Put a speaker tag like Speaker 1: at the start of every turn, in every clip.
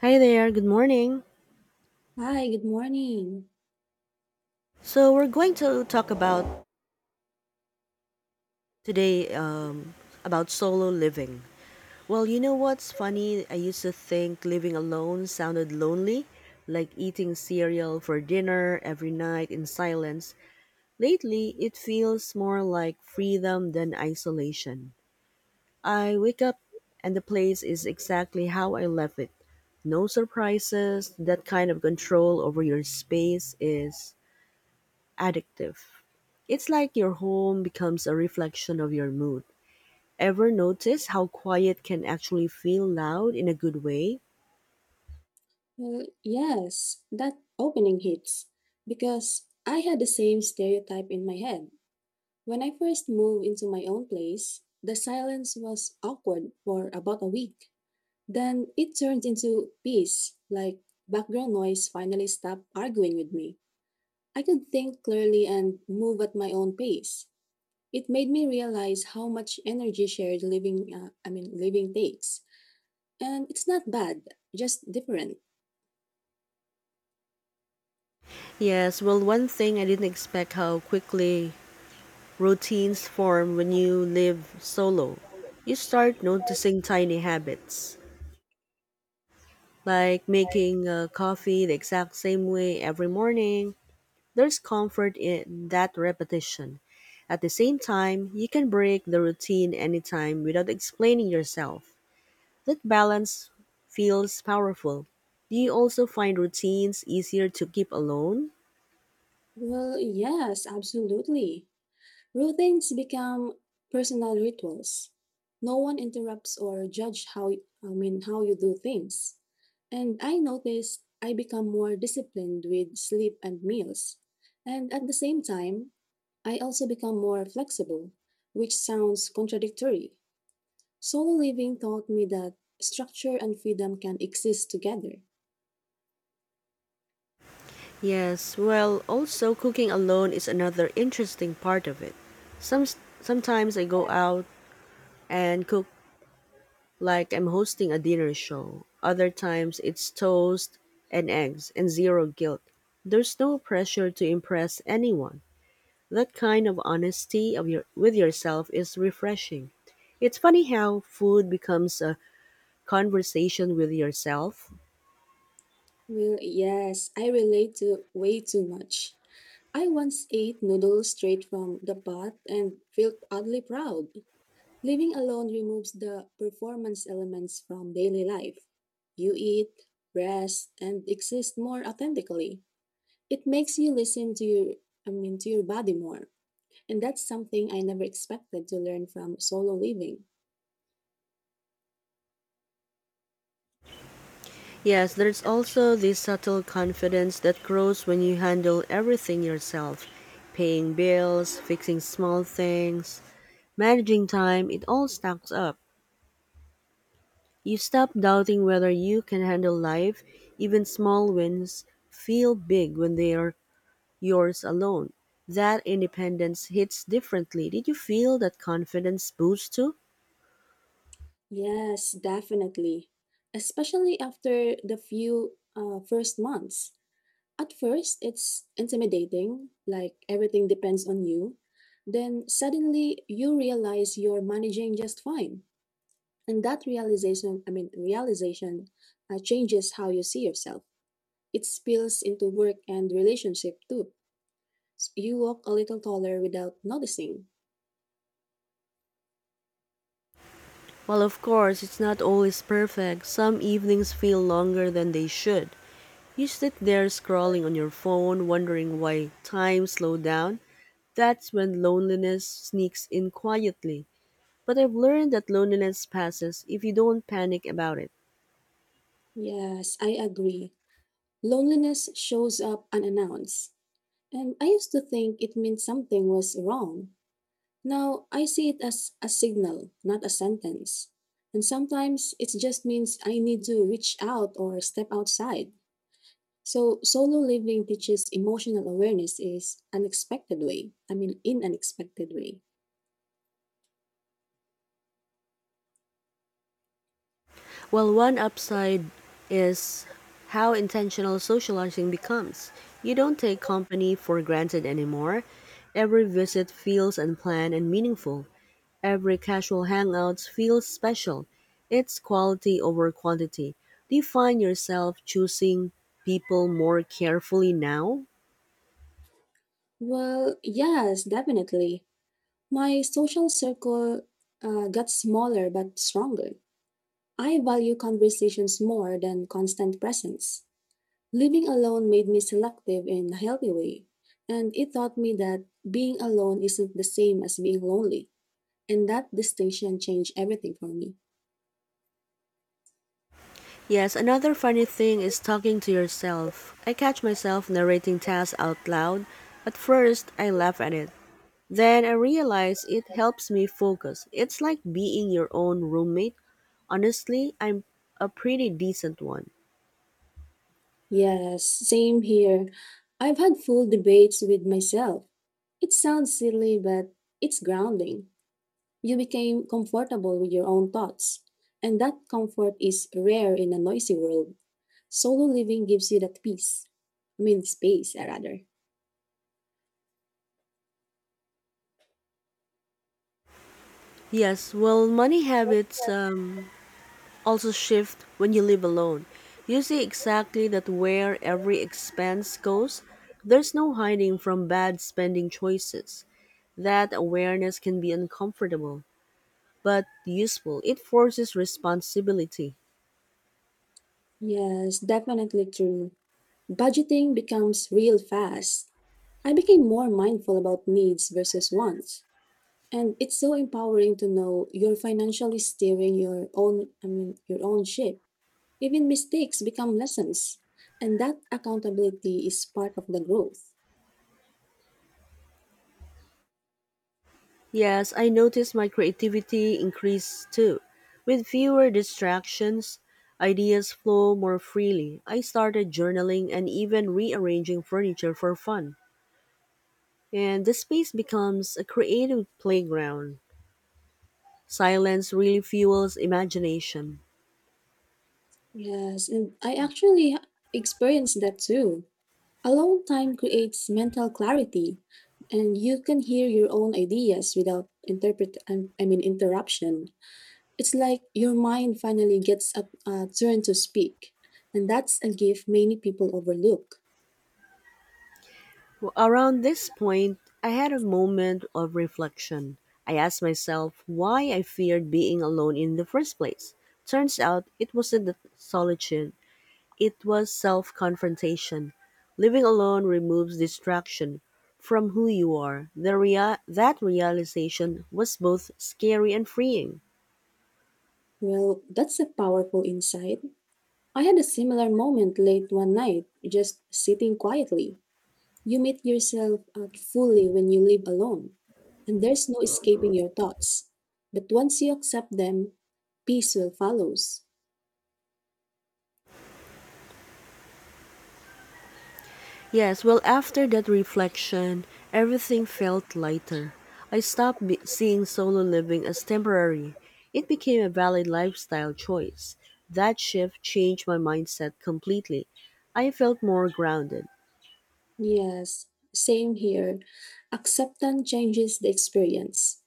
Speaker 1: Hi there, good morning.
Speaker 2: Hi, good morning.
Speaker 1: So we're going to talk about today about solo living. Well, you know what's funny? I used to think living alone sounded lonely, like eating cereal for dinner every night in silence. Lately, it feels more like freedom than isolation. I wake up and the place is exactly how I left it. No surprises, that kind of control over your space is addictive. It's like your home becomes a reflection of your mood. Ever notice how quiet can actually feel loud in a good way?
Speaker 2: Well, yes, that opening hits because I had the same stereotype in my head. When I first moved into my own place, the silence was awkward for about a week. Then it turned into peace, like background noise finally stopped arguing with me. I could think clearly and move at my own pace. It made me realize how much energy shared living, I mean, living takes. And it's not bad, just different.
Speaker 1: Yes, well, one thing I didn't expect how quickly routines form when you live solo. You start noticing tiny habits, like making coffee the exact same way every morning. There's comfort in that repetition. At the same time, you can break the routine anytime without explaining yourself. That balance feels powerful. Do you also find routines easier to keep alone?
Speaker 2: Well, yes, absolutely. Routines become personal rituals. No one interrupts or judge how I mean how you do things. And I noticed I become more disciplined with sleep and meals. And at the same time, I also become more flexible, which sounds contradictory. Solo living taught me that structure and freedom can exist together.
Speaker 1: Yes, well, also cooking alone is another interesting part of it. Some Sometimes I go out and cook like I'm hosting a dinner show. Other times it's toast and eggs and zero guilt. There's no pressure to impress anyone. That kind of honesty of your with yourself is refreshing. It's funny how food becomes a conversation with yourself.
Speaker 2: Well, yes, I relate to way too much. I once ate noodles straight from the pot and felt oddly proud. Living alone removes the performance elements from daily life. You eat, rest, and exist more authentically. It makes you listen to your body more. And that's something I never expected to learn from solo living.
Speaker 1: Yes, there's also this subtle confidence that grows when you handle everything yourself paying bills, fixing small things, managing time, it all stacks up. You stop doubting whether you can handle life. Even small wins feel big when they are yours alone. That independence hits differently. Did you feel that confidence boost too?
Speaker 2: Yes, definitely. Especially after the few first months. At first, it's intimidating, like everything depends on you. Then suddenly you realize you're managing just fine. And that realization changes how you see yourself. It spills into work and relationship too. You walk a little taller without noticing.
Speaker 1: While, of course, it's not always perfect, some evenings feel longer than they should. You sit there scrolling on your phone, wondering why time slowed down. That's when loneliness sneaks in quietly. But I've learned that loneliness passes if you don't panic about it.
Speaker 2: Yes, I agree. Loneliness shows up unannounced, and I used to think it meant something was wrong. Now I see it as a signal, not a sentence. And sometimes it just means I need to reach out or step outside. So solo living teaches emotional awareness is unexpected way. I mean in unexpected way.
Speaker 1: Well, one upside is how intentional socializing becomes. You don't take company for granted anymore. Every visit feels unplanned and meaningful. Every casual hangout feels special. It's quality over quantity. Do you find yourself choosing people more carefully now?
Speaker 2: Well, yes, definitely. My social circle got smaller but stronger. I value conversations more than constant presence. Living alone made me selective in a healthy way, and it taught me that being alone isn't the same as being lonely. And that distinction changed everything for me.
Speaker 1: Yes, another funny thing is talking to yourself. I catch myself narrating tasks out loud. At first, I laugh at it. Then I realize it helps me focus. It's like being your own roommate. Honestly, I'm a pretty decent one.
Speaker 2: Yes, same here. I've had full debates with myself. It sounds silly, but it's grounding. You became comfortable with your own thoughts, and that comfort is rare in a noisy world. Solo living gives you that peace. I mean, space, rather.
Speaker 1: Yes, well, money habits also shift when you live alone. You see exactly that where every expense goes. There's no hiding from bad spending choices. That awareness can be uncomfortable, but useful. It forces responsibility.
Speaker 2: Yes, definitely true. Budgeting becomes real fast. I became more mindful about needs versus wants. And it's so empowering to know you're financially steering your own ship. Even mistakes become lessons. And that accountability is part of the growth.
Speaker 1: Yes, I noticed my creativity increase too. With fewer distractions, ideas flow more freely. I started journaling and even rearranging furniture for fun. And the space becomes a creative playground. Silence really fuels imagination.
Speaker 2: Yes, and I actually experienced that too. Alone time creates mental clarity, and you can hear your own ideas without interpret I mean interruption. It's like your mind finally gets a turn to speak, and that's a gift many people overlook.
Speaker 1: Well, around this point, I had a moment of reflection. I asked myself why I feared being alone in the first place. Turns out it wasn't the solitude, it was self confrontation. Living alone removes distraction from who you are. That realization was both scary and freeing.
Speaker 2: Well, that's a powerful insight. I had a similar moment late one night, just sitting quietly. You meet yourself out fully when you live alone, and there's no escaping your thoughts. But once you accept them, peace will follows.
Speaker 1: Yes, well, after that reflection, everything felt lighter. Seeing solo living as temporary. It became a valid lifestyle choice. That shift changed my mindset completely. I felt more grounded.
Speaker 2: Yes, same here. Acceptance changes the experience.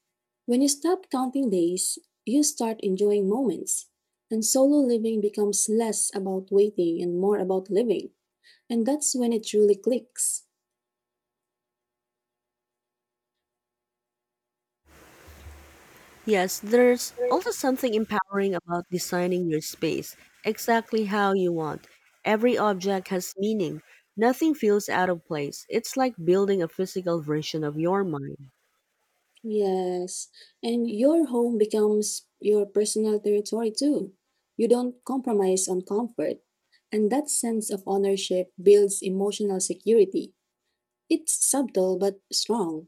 Speaker 2: When you stop counting days, you start enjoying moments. And solo living becomes less about waiting and more about living. And that's when it truly clicks.
Speaker 1: Yes, there's also something empowering about designing your space exactly how you want. Every object has meaning. Nothing feels out of place. It's like building a physical version of your mind.
Speaker 2: Yes, and your home becomes your personal territory too. You don't compromise on comfort, and that sense of ownership builds emotional security. It's subtle but strong,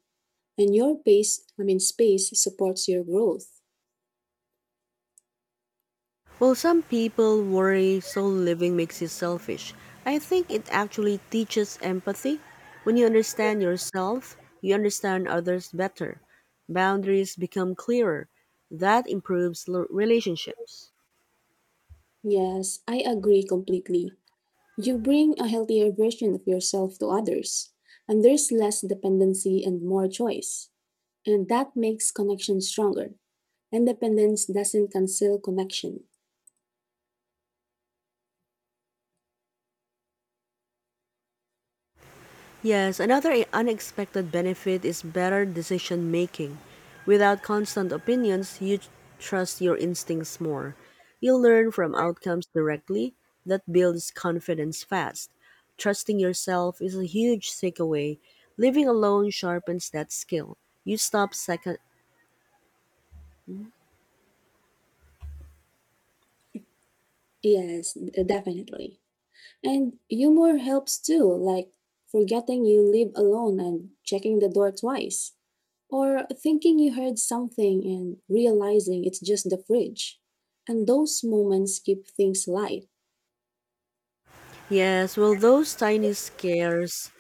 Speaker 2: and your pace, I mean space supports your growth.
Speaker 1: Well, some people worry solo living makes you selfish, I think it actually teaches empathy. When you understand yourself, you understand others better. Boundaries become clearer. That improves relationships.
Speaker 2: Yes, I agree completely. You bring a healthier version of yourself to others, and there's less dependency and more choice. And that makes connection stronger. Independence doesn't cancel connection.
Speaker 1: Yes, another unexpected benefit is better decision making. Without constant opinions, trust your instincts more. You learn from outcomes directly that builds confidence fast. Trusting yourself is a huge takeaway. Living alone sharpens that skill. You stop second.
Speaker 2: Yes, definitely. And humor helps too, like forgetting you live alone and checking the door twice, or thinking you heard something and realizing it's just the fridge. And those moments keep things light.
Speaker 1: Yes, well, those tiny scares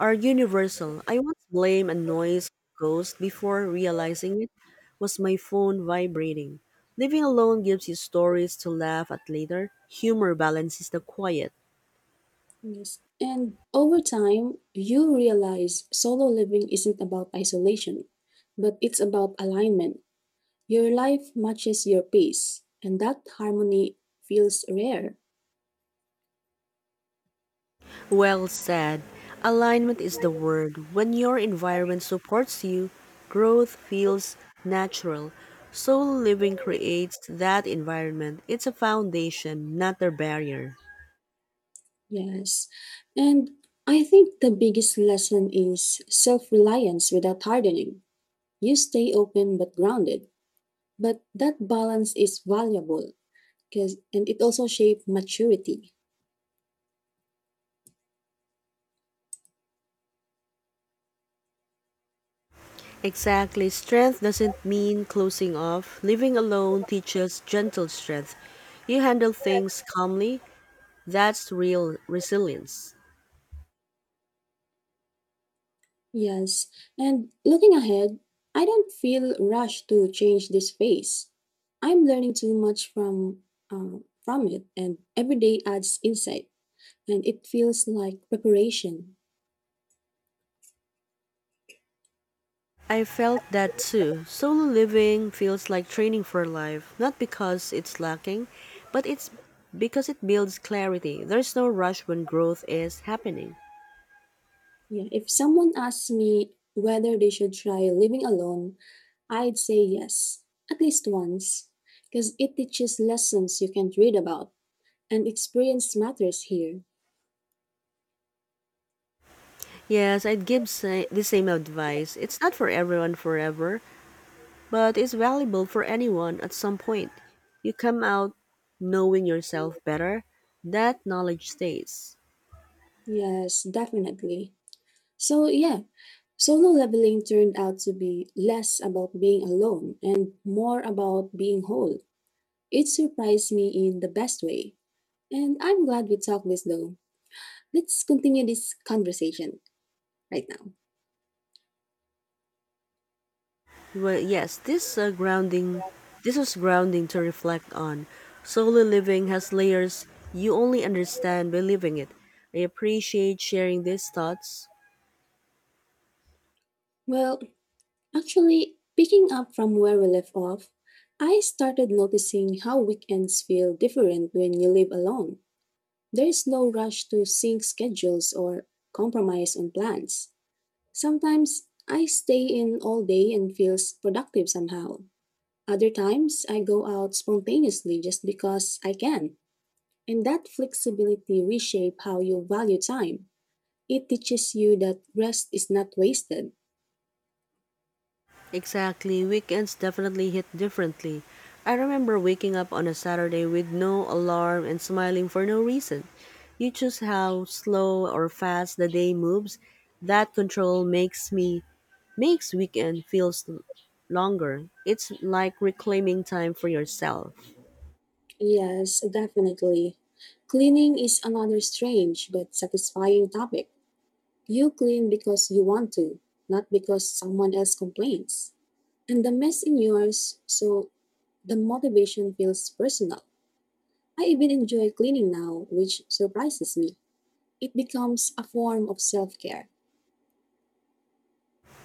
Speaker 1: are universal. I once blamed a noise ghost before realizing it was my phone vibrating. Living alone gives you stories to laugh at later. Humor balances the quiet.
Speaker 2: Yes. And over time, you realize solo living isn't about isolation, but it's about alignment. Your life matches your pace, and that harmony feels rare.
Speaker 1: Well said. Alignment is the word. When your environment supports you, growth feels natural. Soul living creates that environment. It's a foundation, not a barrier.
Speaker 2: Yes. And I think the biggest lesson is self reliance without hardening. You stay open but grounded. But that balance is valuable because and it also shapes maturity.
Speaker 1: Exactly. Strength doesn't mean closing off. Living alone teaches gentle strength. You handle things calmly. That's real resilience.
Speaker 2: Yes. And looking ahead, I don't feel rushed to change this phase. I'm learning too much from it, and every day adds insight and it feels like preparation.
Speaker 1: I felt that too. Solo living feels like training for life, not because it's lacking, but it's because it builds clarity. There's no rush when growth is happening.
Speaker 2: Yeah, if someone asks me whether they should try living alone, I'd say yes, at least once, because it teaches lessons you can't read about, and experience matters here.
Speaker 1: Yes, I'd give the same advice. It's not for everyone forever, but it's valuable for anyone at some point. You come out knowing yourself better. That knowledge stays.
Speaker 2: Yes, definitely. So, yeah, solo leveling turned out to be less about being alone and more about being whole. It surprised me in the best way. And I'm glad we talked this though. Let's continue this conversation right now.
Speaker 1: Well, yes, this grounding, this was grounding to reflect on. Solo living has layers you only understand by living it. I appreciate sharing these thoughts.
Speaker 2: Well, actually, picking up from where we left off, I started noticing how weekends feel different when you live alone. There is no rush to sync schedules or compromise on plans. Sometimes I stay in all day and feels productive somehow. Other times I go out spontaneously just because I can. And that flexibility reshape how you value time. It teaches you that rest is not wasted.
Speaker 1: Exactly, weekends definitely hit differently. I remember waking up on a Saturday with no alarm and smiling for no reason. You choose how slow or fast the day moves. That control makes me makes weekend feels longer. It's like reclaiming time for yourself.
Speaker 2: Yes, definitely. Cleaning is another strange but satisfying topic. You clean because you want to, not because someone else complains. And the mess in yours, so the motivation feels personal. I even enjoy cleaning now, which surprises me. It becomes a form of self care.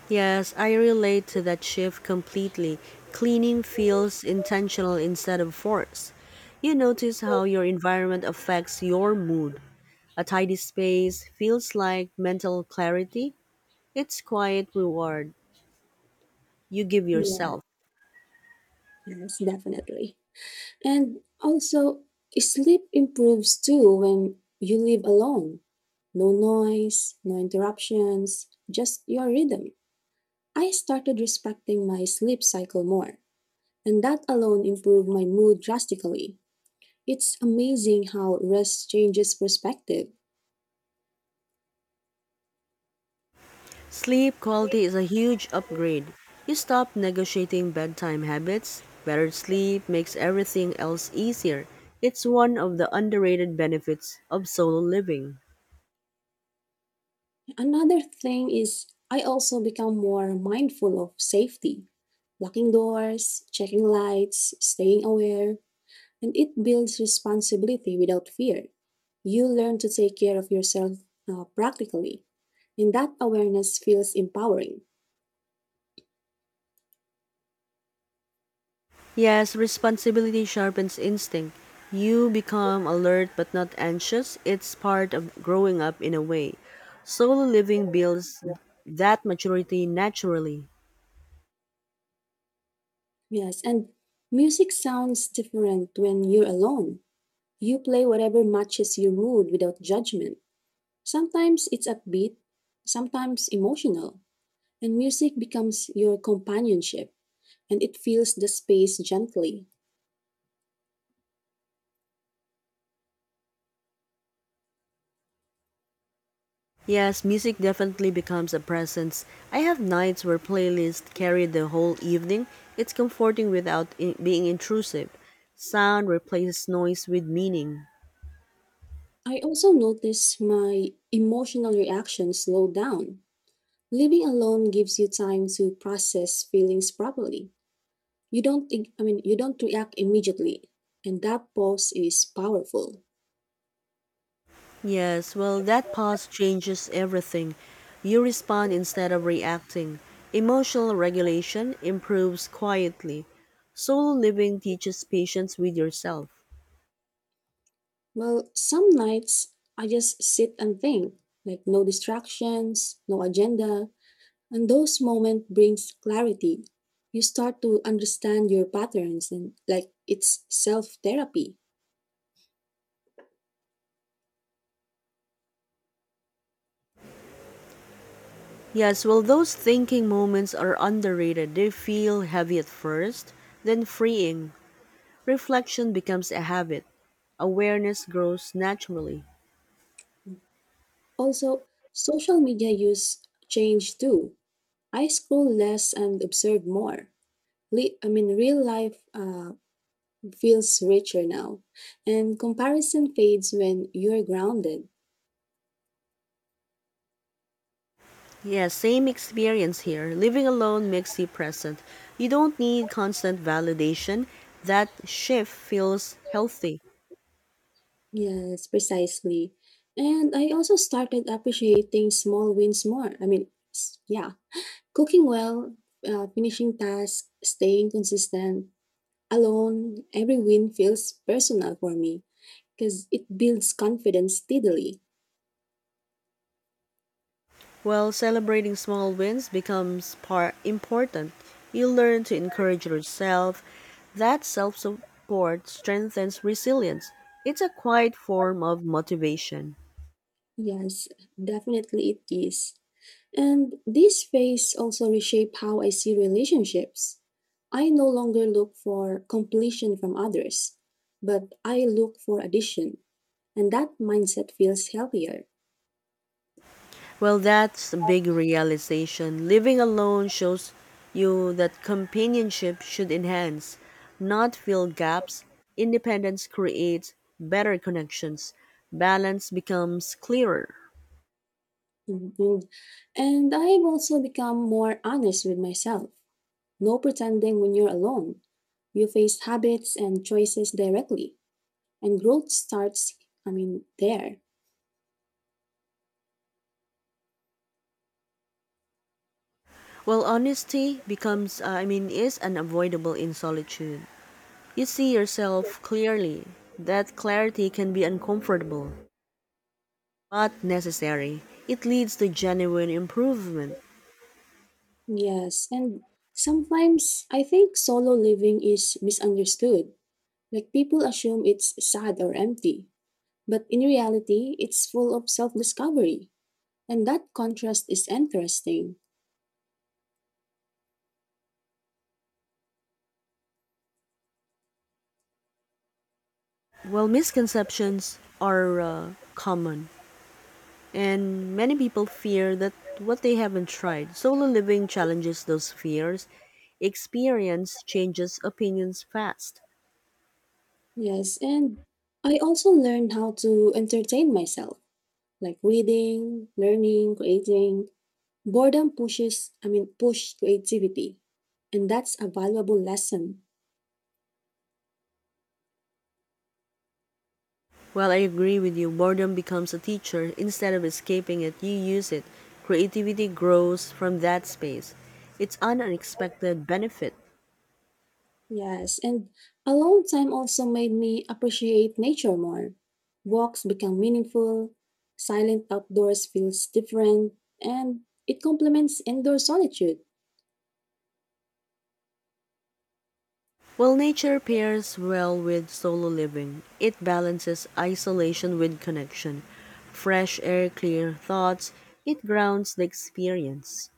Speaker 1: Yes, I relate to that shift completely. Cleaning feels intentional instead of forced. You notice how your environment affects your mood. A tidy space feels like mental clarity. It's quiet reward you give
Speaker 2: Yeah,
Speaker 1: yourself.
Speaker 2: yes, definitely. And also, sleep improves too when you live alone. No noise, no interruptions, just your rhythm. I started respecting my sleep cycle more, and that alone improved my mood drastically. It's amazing how rest changes perspective.
Speaker 1: Sleep quality is a huge upgrade. You stop negotiating bedtime habits. Better sleep makes everything else easier. It's one of the underrated benefits of solo living.
Speaker 2: Another thing is I also become more mindful of safety, locking doors, checking lights, staying aware, and it builds responsibility without fear. You learn to take care of yourself practically, and that awareness feels empowering.
Speaker 1: Yes, responsibility sharpens instinct. You become alert but not anxious. It's part of growing up in a way. Solo living builds that maturity naturally.
Speaker 2: Yes, and music sounds different when you're alone. You play whatever matches your mood without judgment. Sometimes it's upbeat, sometimes emotional, and music becomes your companionship and it fills the space gently.
Speaker 1: Yes, music definitely becomes a presence. I have nights where playlists carry the whole evening. It's comforting without I- being intrusive. Sound replaces noise with meaning.
Speaker 2: I also notice my emotional reactions slow down. Living alone gives you time to process feelings properly. You don't ig- I mean you don't react immediately, and that pause is powerful.
Speaker 1: Yes, well, that pause changes everything. You respond instead of reacting. Emotional regulation improves quietly. Solo living teaches patience with yourself.
Speaker 2: Well, some nights I just sit and think, like no distractions, no agenda, and those moments brings clarity. You start to understand your patterns and like it's self-therapy.
Speaker 1: Yes, well, those thinking moments are underrated. They feel heavy at first, then freeing. Reflection becomes a habit. Awareness grows naturally.
Speaker 2: Also, social media use change too. I scroll less and observe more. Real life feels richer now, and comparison fades when you're grounded.
Speaker 1: Yes, same experience here. Living alone makes you present. You don't need constant validation. That shift feels healthy.
Speaker 2: Yes, precisely. And I also started appreciating small wins more. I mean, yeah, cooking well, finishing tasks, staying consistent, alone, every win feels personal for me because it builds confidence steadily.
Speaker 1: While celebrating small wins becomes important. You learn to encourage yourself. That self support strengthens resilience. It's a quiet form of motivation.
Speaker 2: Yes, definitely it is. And this phase also reshape how I see relationships. I no longer look for completion from others, but I look for addition, and that mindset feels healthier.
Speaker 1: Well, that's a big realization. Living alone shows you that companionship should enhance, not fill gaps. Independence creates better connections. Balance becomes clearer.
Speaker 2: Mhm. And I've also become more honest with myself. No pretending when you're alone. You face habits and choices directly, and growth starts there.
Speaker 1: Well, honesty is unavoidable in solitude. You see yourself clearly. That clarity can be uncomfortable, but necessary. It leads to genuine improvement.
Speaker 2: Yes, and sometimes I think solo living is misunderstood. Like people assume it's sad or empty, but in reality, it's full of self discovery. And that contrast is interesting.
Speaker 1: Well, misconceptions are common. And many people fear that what they haven't tried. Solo living challenges those fears. Experience changes opinions fast.
Speaker 2: Yes, and I also learned how to entertain myself, like reading, learning, creating. Boredom push creativity. And that's a valuable lesson.
Speaker 1: While I agree with you, boredom becomes a teacher. Instead of escaping it, you use it. Creativity grows from that space. It's an unexpected benefit.
Speaker 2: Yes, and alone time also made me appreciate nature more. Walks become meaningful, silent outdoors feels different, and it complements indoor solitude.
Speaker 1: Well, nature pairs well with solo living. It balances isolation with connection. Fresh air, clear thoughts, it grounds the experience.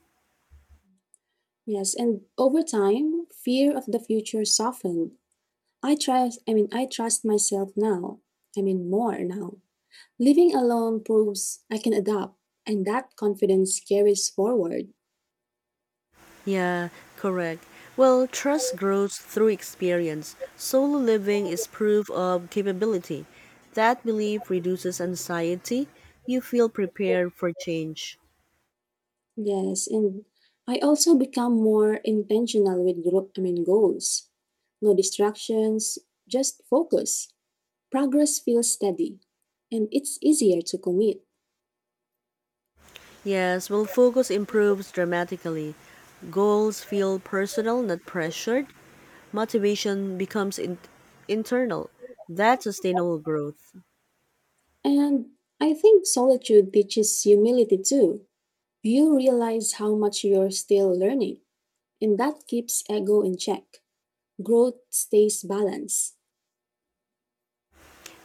Speaker 2: Yes, and over time, fear of the future softened. I trust myself more now. Living alone proves I can adapt, and that confidence carries forward.
Speaker 1: Yeah, correct. Well, trust grows through experience. Solo living is proof of capability. That belief reduces anxiety. You feel prepared for change.
Speaker 2: Yes, and I also become more intentional with goals. No distractions, just focus. Progress feels steady, and it's easier to commit.
Speaker 1: Yes, well, focus improves dramatically. Goals feel personal, not pressured. Motivation becomes internal. That's sustainable growth.
Speaker 2: And I think solitude teaches humility too. You realize how much you're still learning, and that keeps ego in check. Growth stays balanced.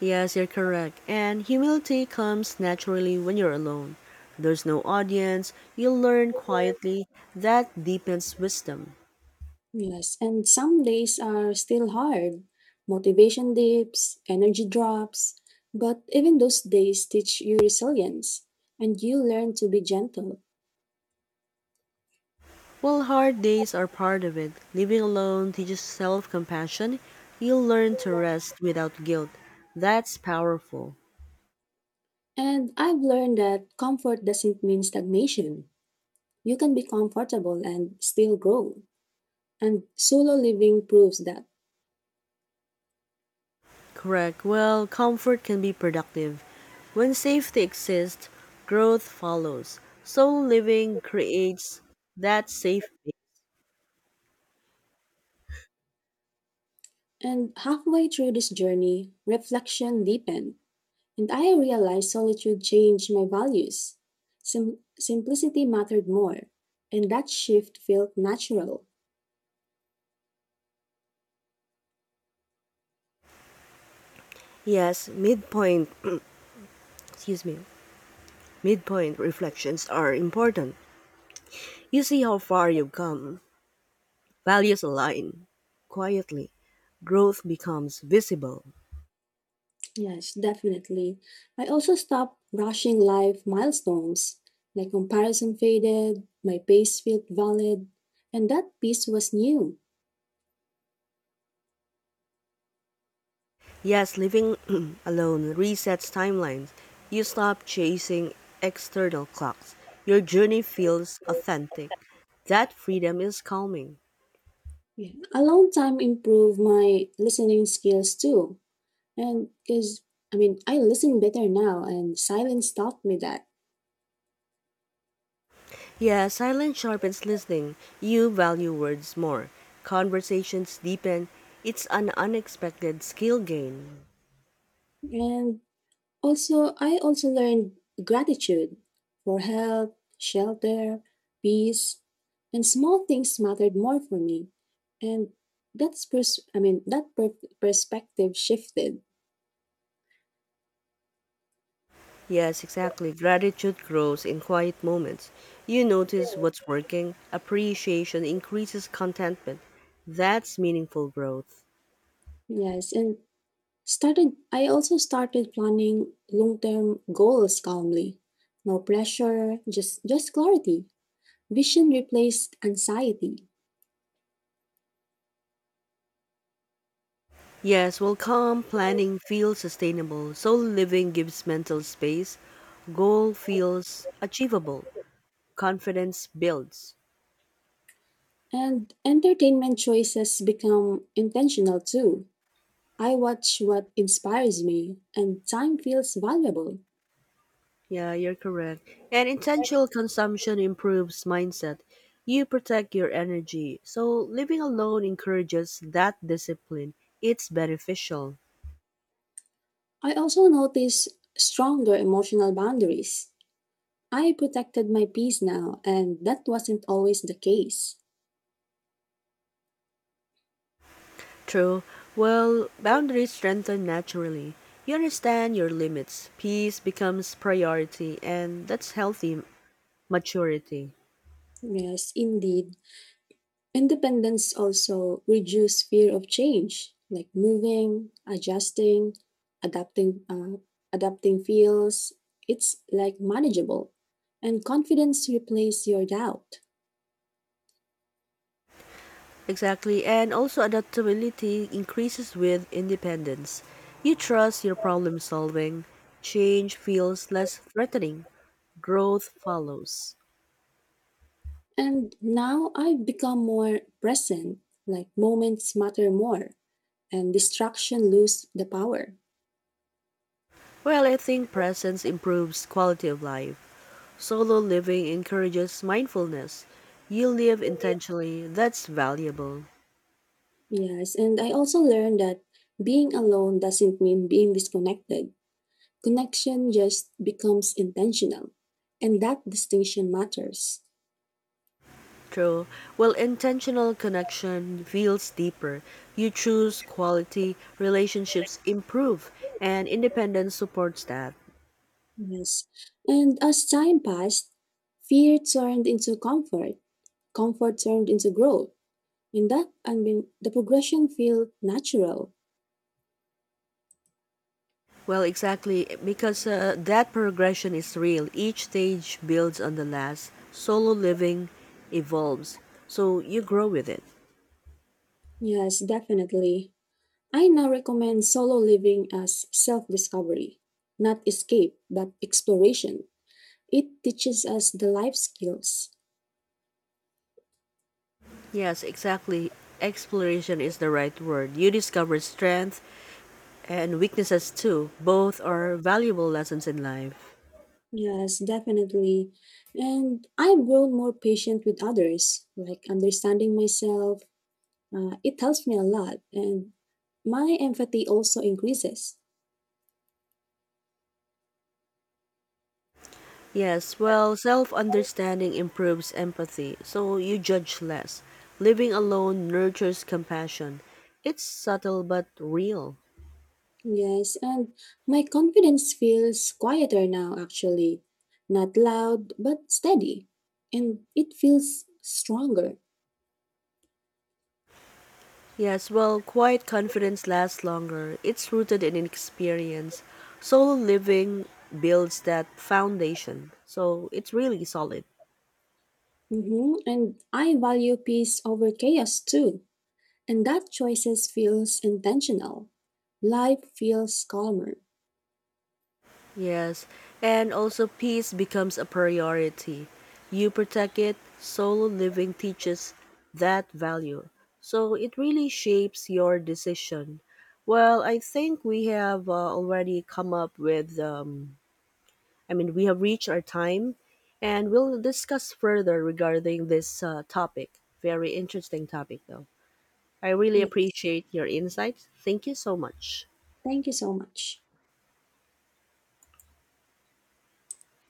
Speaker 1: Yes, you're correct. And humility comes naturally when you're alone. There's no audience, you learn quietly. That deepens wisdom.
Speaker 2: Yes, and some days are still hard. Motivation dips, energy drops, but even those days teach you resilience and you learn to be gentle.
Speaker 1: While hard days are part of it. Living alone teaches self compassion. You learn to rest without guilt. That's powerful.
Speaker 2: And I've learned that comfort doesn't mean stagnation. You can be comfortable and still grow. And solo living proves that.
Speaker 1: Correct. Well, comfort can be productive. When safety exists, growth follows. Soul living creates that safe.
Speaker 2: And halfway through this journey, reflection deepens. And I realized solitude changed my values. Simplicity mattered more, and that shift felt natural.
Speaker 1: Yes, midpoint. Excuse me. Midpoint reflections are important. You see how far you've come. Values align. Quietly, growth becomes visible.
Speaker 2: Yes, definitely. I also stopped rushing life milestones. My comparison faded, my pace felt valid, and that piece was new.
Speaker 1: Yes, living alone resets timelines. You stop chasing external clocks. Your journey feels authentic. That freedom is calming.
Speaker 2: Yeah. Alone time improved my listening skills too. And because, I mean, I listen better now, and silence taught me that.
Speaker 1: Yes, silence sharpens listening. You value words more. Conversations deepen. It's an unexpected skill gain.
Speaker 2: And also, I also learned gratitude for help, shelter, peace, and small things mattered more for me. And that's perspective shifted.
Speaker 1: Yes, exactly. Gratitude grows in quiet moments. You notice what's working, appreciation increases contentment. That's meaningful growth.
Speaker 2: Yes, and started I also started planning long-term goals calmly. No pressure, just clarity. Vision replaced anxiety,
Speaker 1: Yes, well, calm planning feels sustainable, so living gives mental space, goal feels achievable, confidence builds.
Speaker 2: and entertainment choices become intentional too. I watch what inspires me, and time feels valuable.
Speaker 1: Yeah, you're correct. And intentional consumption improves mindset. You protect your energy, so living alone encourages that discipline. It's beneficial.
Speaker 2: I also notice stronger emotional boundaries. I protected my peace now, and that wasn't always the case.
Speaker 1: True. Well, boundaries strengthen naturally. You understand your limits. Peace becomes priority, and that's healthy maturity.
Speaker 2: Yes, indeed. Independence also reduces fear of change, like moving, adjusting, adapting, uh, adapting feels. It's like manageable, and confidence replaces your doubt.
Speaker 1: Exactly. And also, adaptability increases with independence. You trust your problem solving. Change feels less threatening. Growth follows.
Speaker 2: And now I've become more present, like moments matter more and distraction lose the power.
Speaker 1: Well, I think presence improves quality of life. Solo living encourages mindfulness. You live intentionally, that's valuable.
Speaker 2: Yes, and I also learned that being alone doesn't mean being disconnected. Connection just becomes intentional, and that distinction matters.
Speaker 1: True. Well, intentional connection feels deeper. You choose quality, relationships improve, and independence supports that.
Speaker 2: Yes. And as time passed, fear turned into comfort, comfort turned into growth. And the progression felt natural.
Speaker 1: Well, exactly, because that progression is real. Each stage builds on the last. Solo living evolves, so you grow with it.
Speaker 2: Yes, definitely. I now recommend solo living as self discovery, not escape, but exploration. It teaches us the life skills.
Speaker 1: Yes, exactly. Exploration is the right word. You discover strength and weaknesses too. Both are valuable lessons in life.
Speaker 2: Yes, definitely. And I've grown more patient with others, like understanding myself. It helps me a lot. And my empathy also increases.
Speaker 1: Yes, well, self understanding improves empathy, so you judge less. Living alone nurtures compassion. It's subtle but real.
Speaker 2: Yes, and my confidence feels quieter now, actually. Not loud, but steady. And it feels stronger.
Speaker 1: Yes, well, quiet confidence lasts longer. It's rooted in experience. Solo living builds that foundation, so it's really solid.
Speaker 2: Hmm. And I value peace over chaos too. And that choices feels intentional. Life feels calmer.
Speaker 1: Yes, and also peace becomes a priority. You protect it, solo living teaches that value. So it really shapes your decision. Well, I think we have already come up with, we have reached our time, and we'll discuss further regarding this topic. Very interesting topic, though. I really
Speaker 2: Yes.
Speaker 1: appreciate your insights. Thank you so much.
Speaker 2: Thank you so much.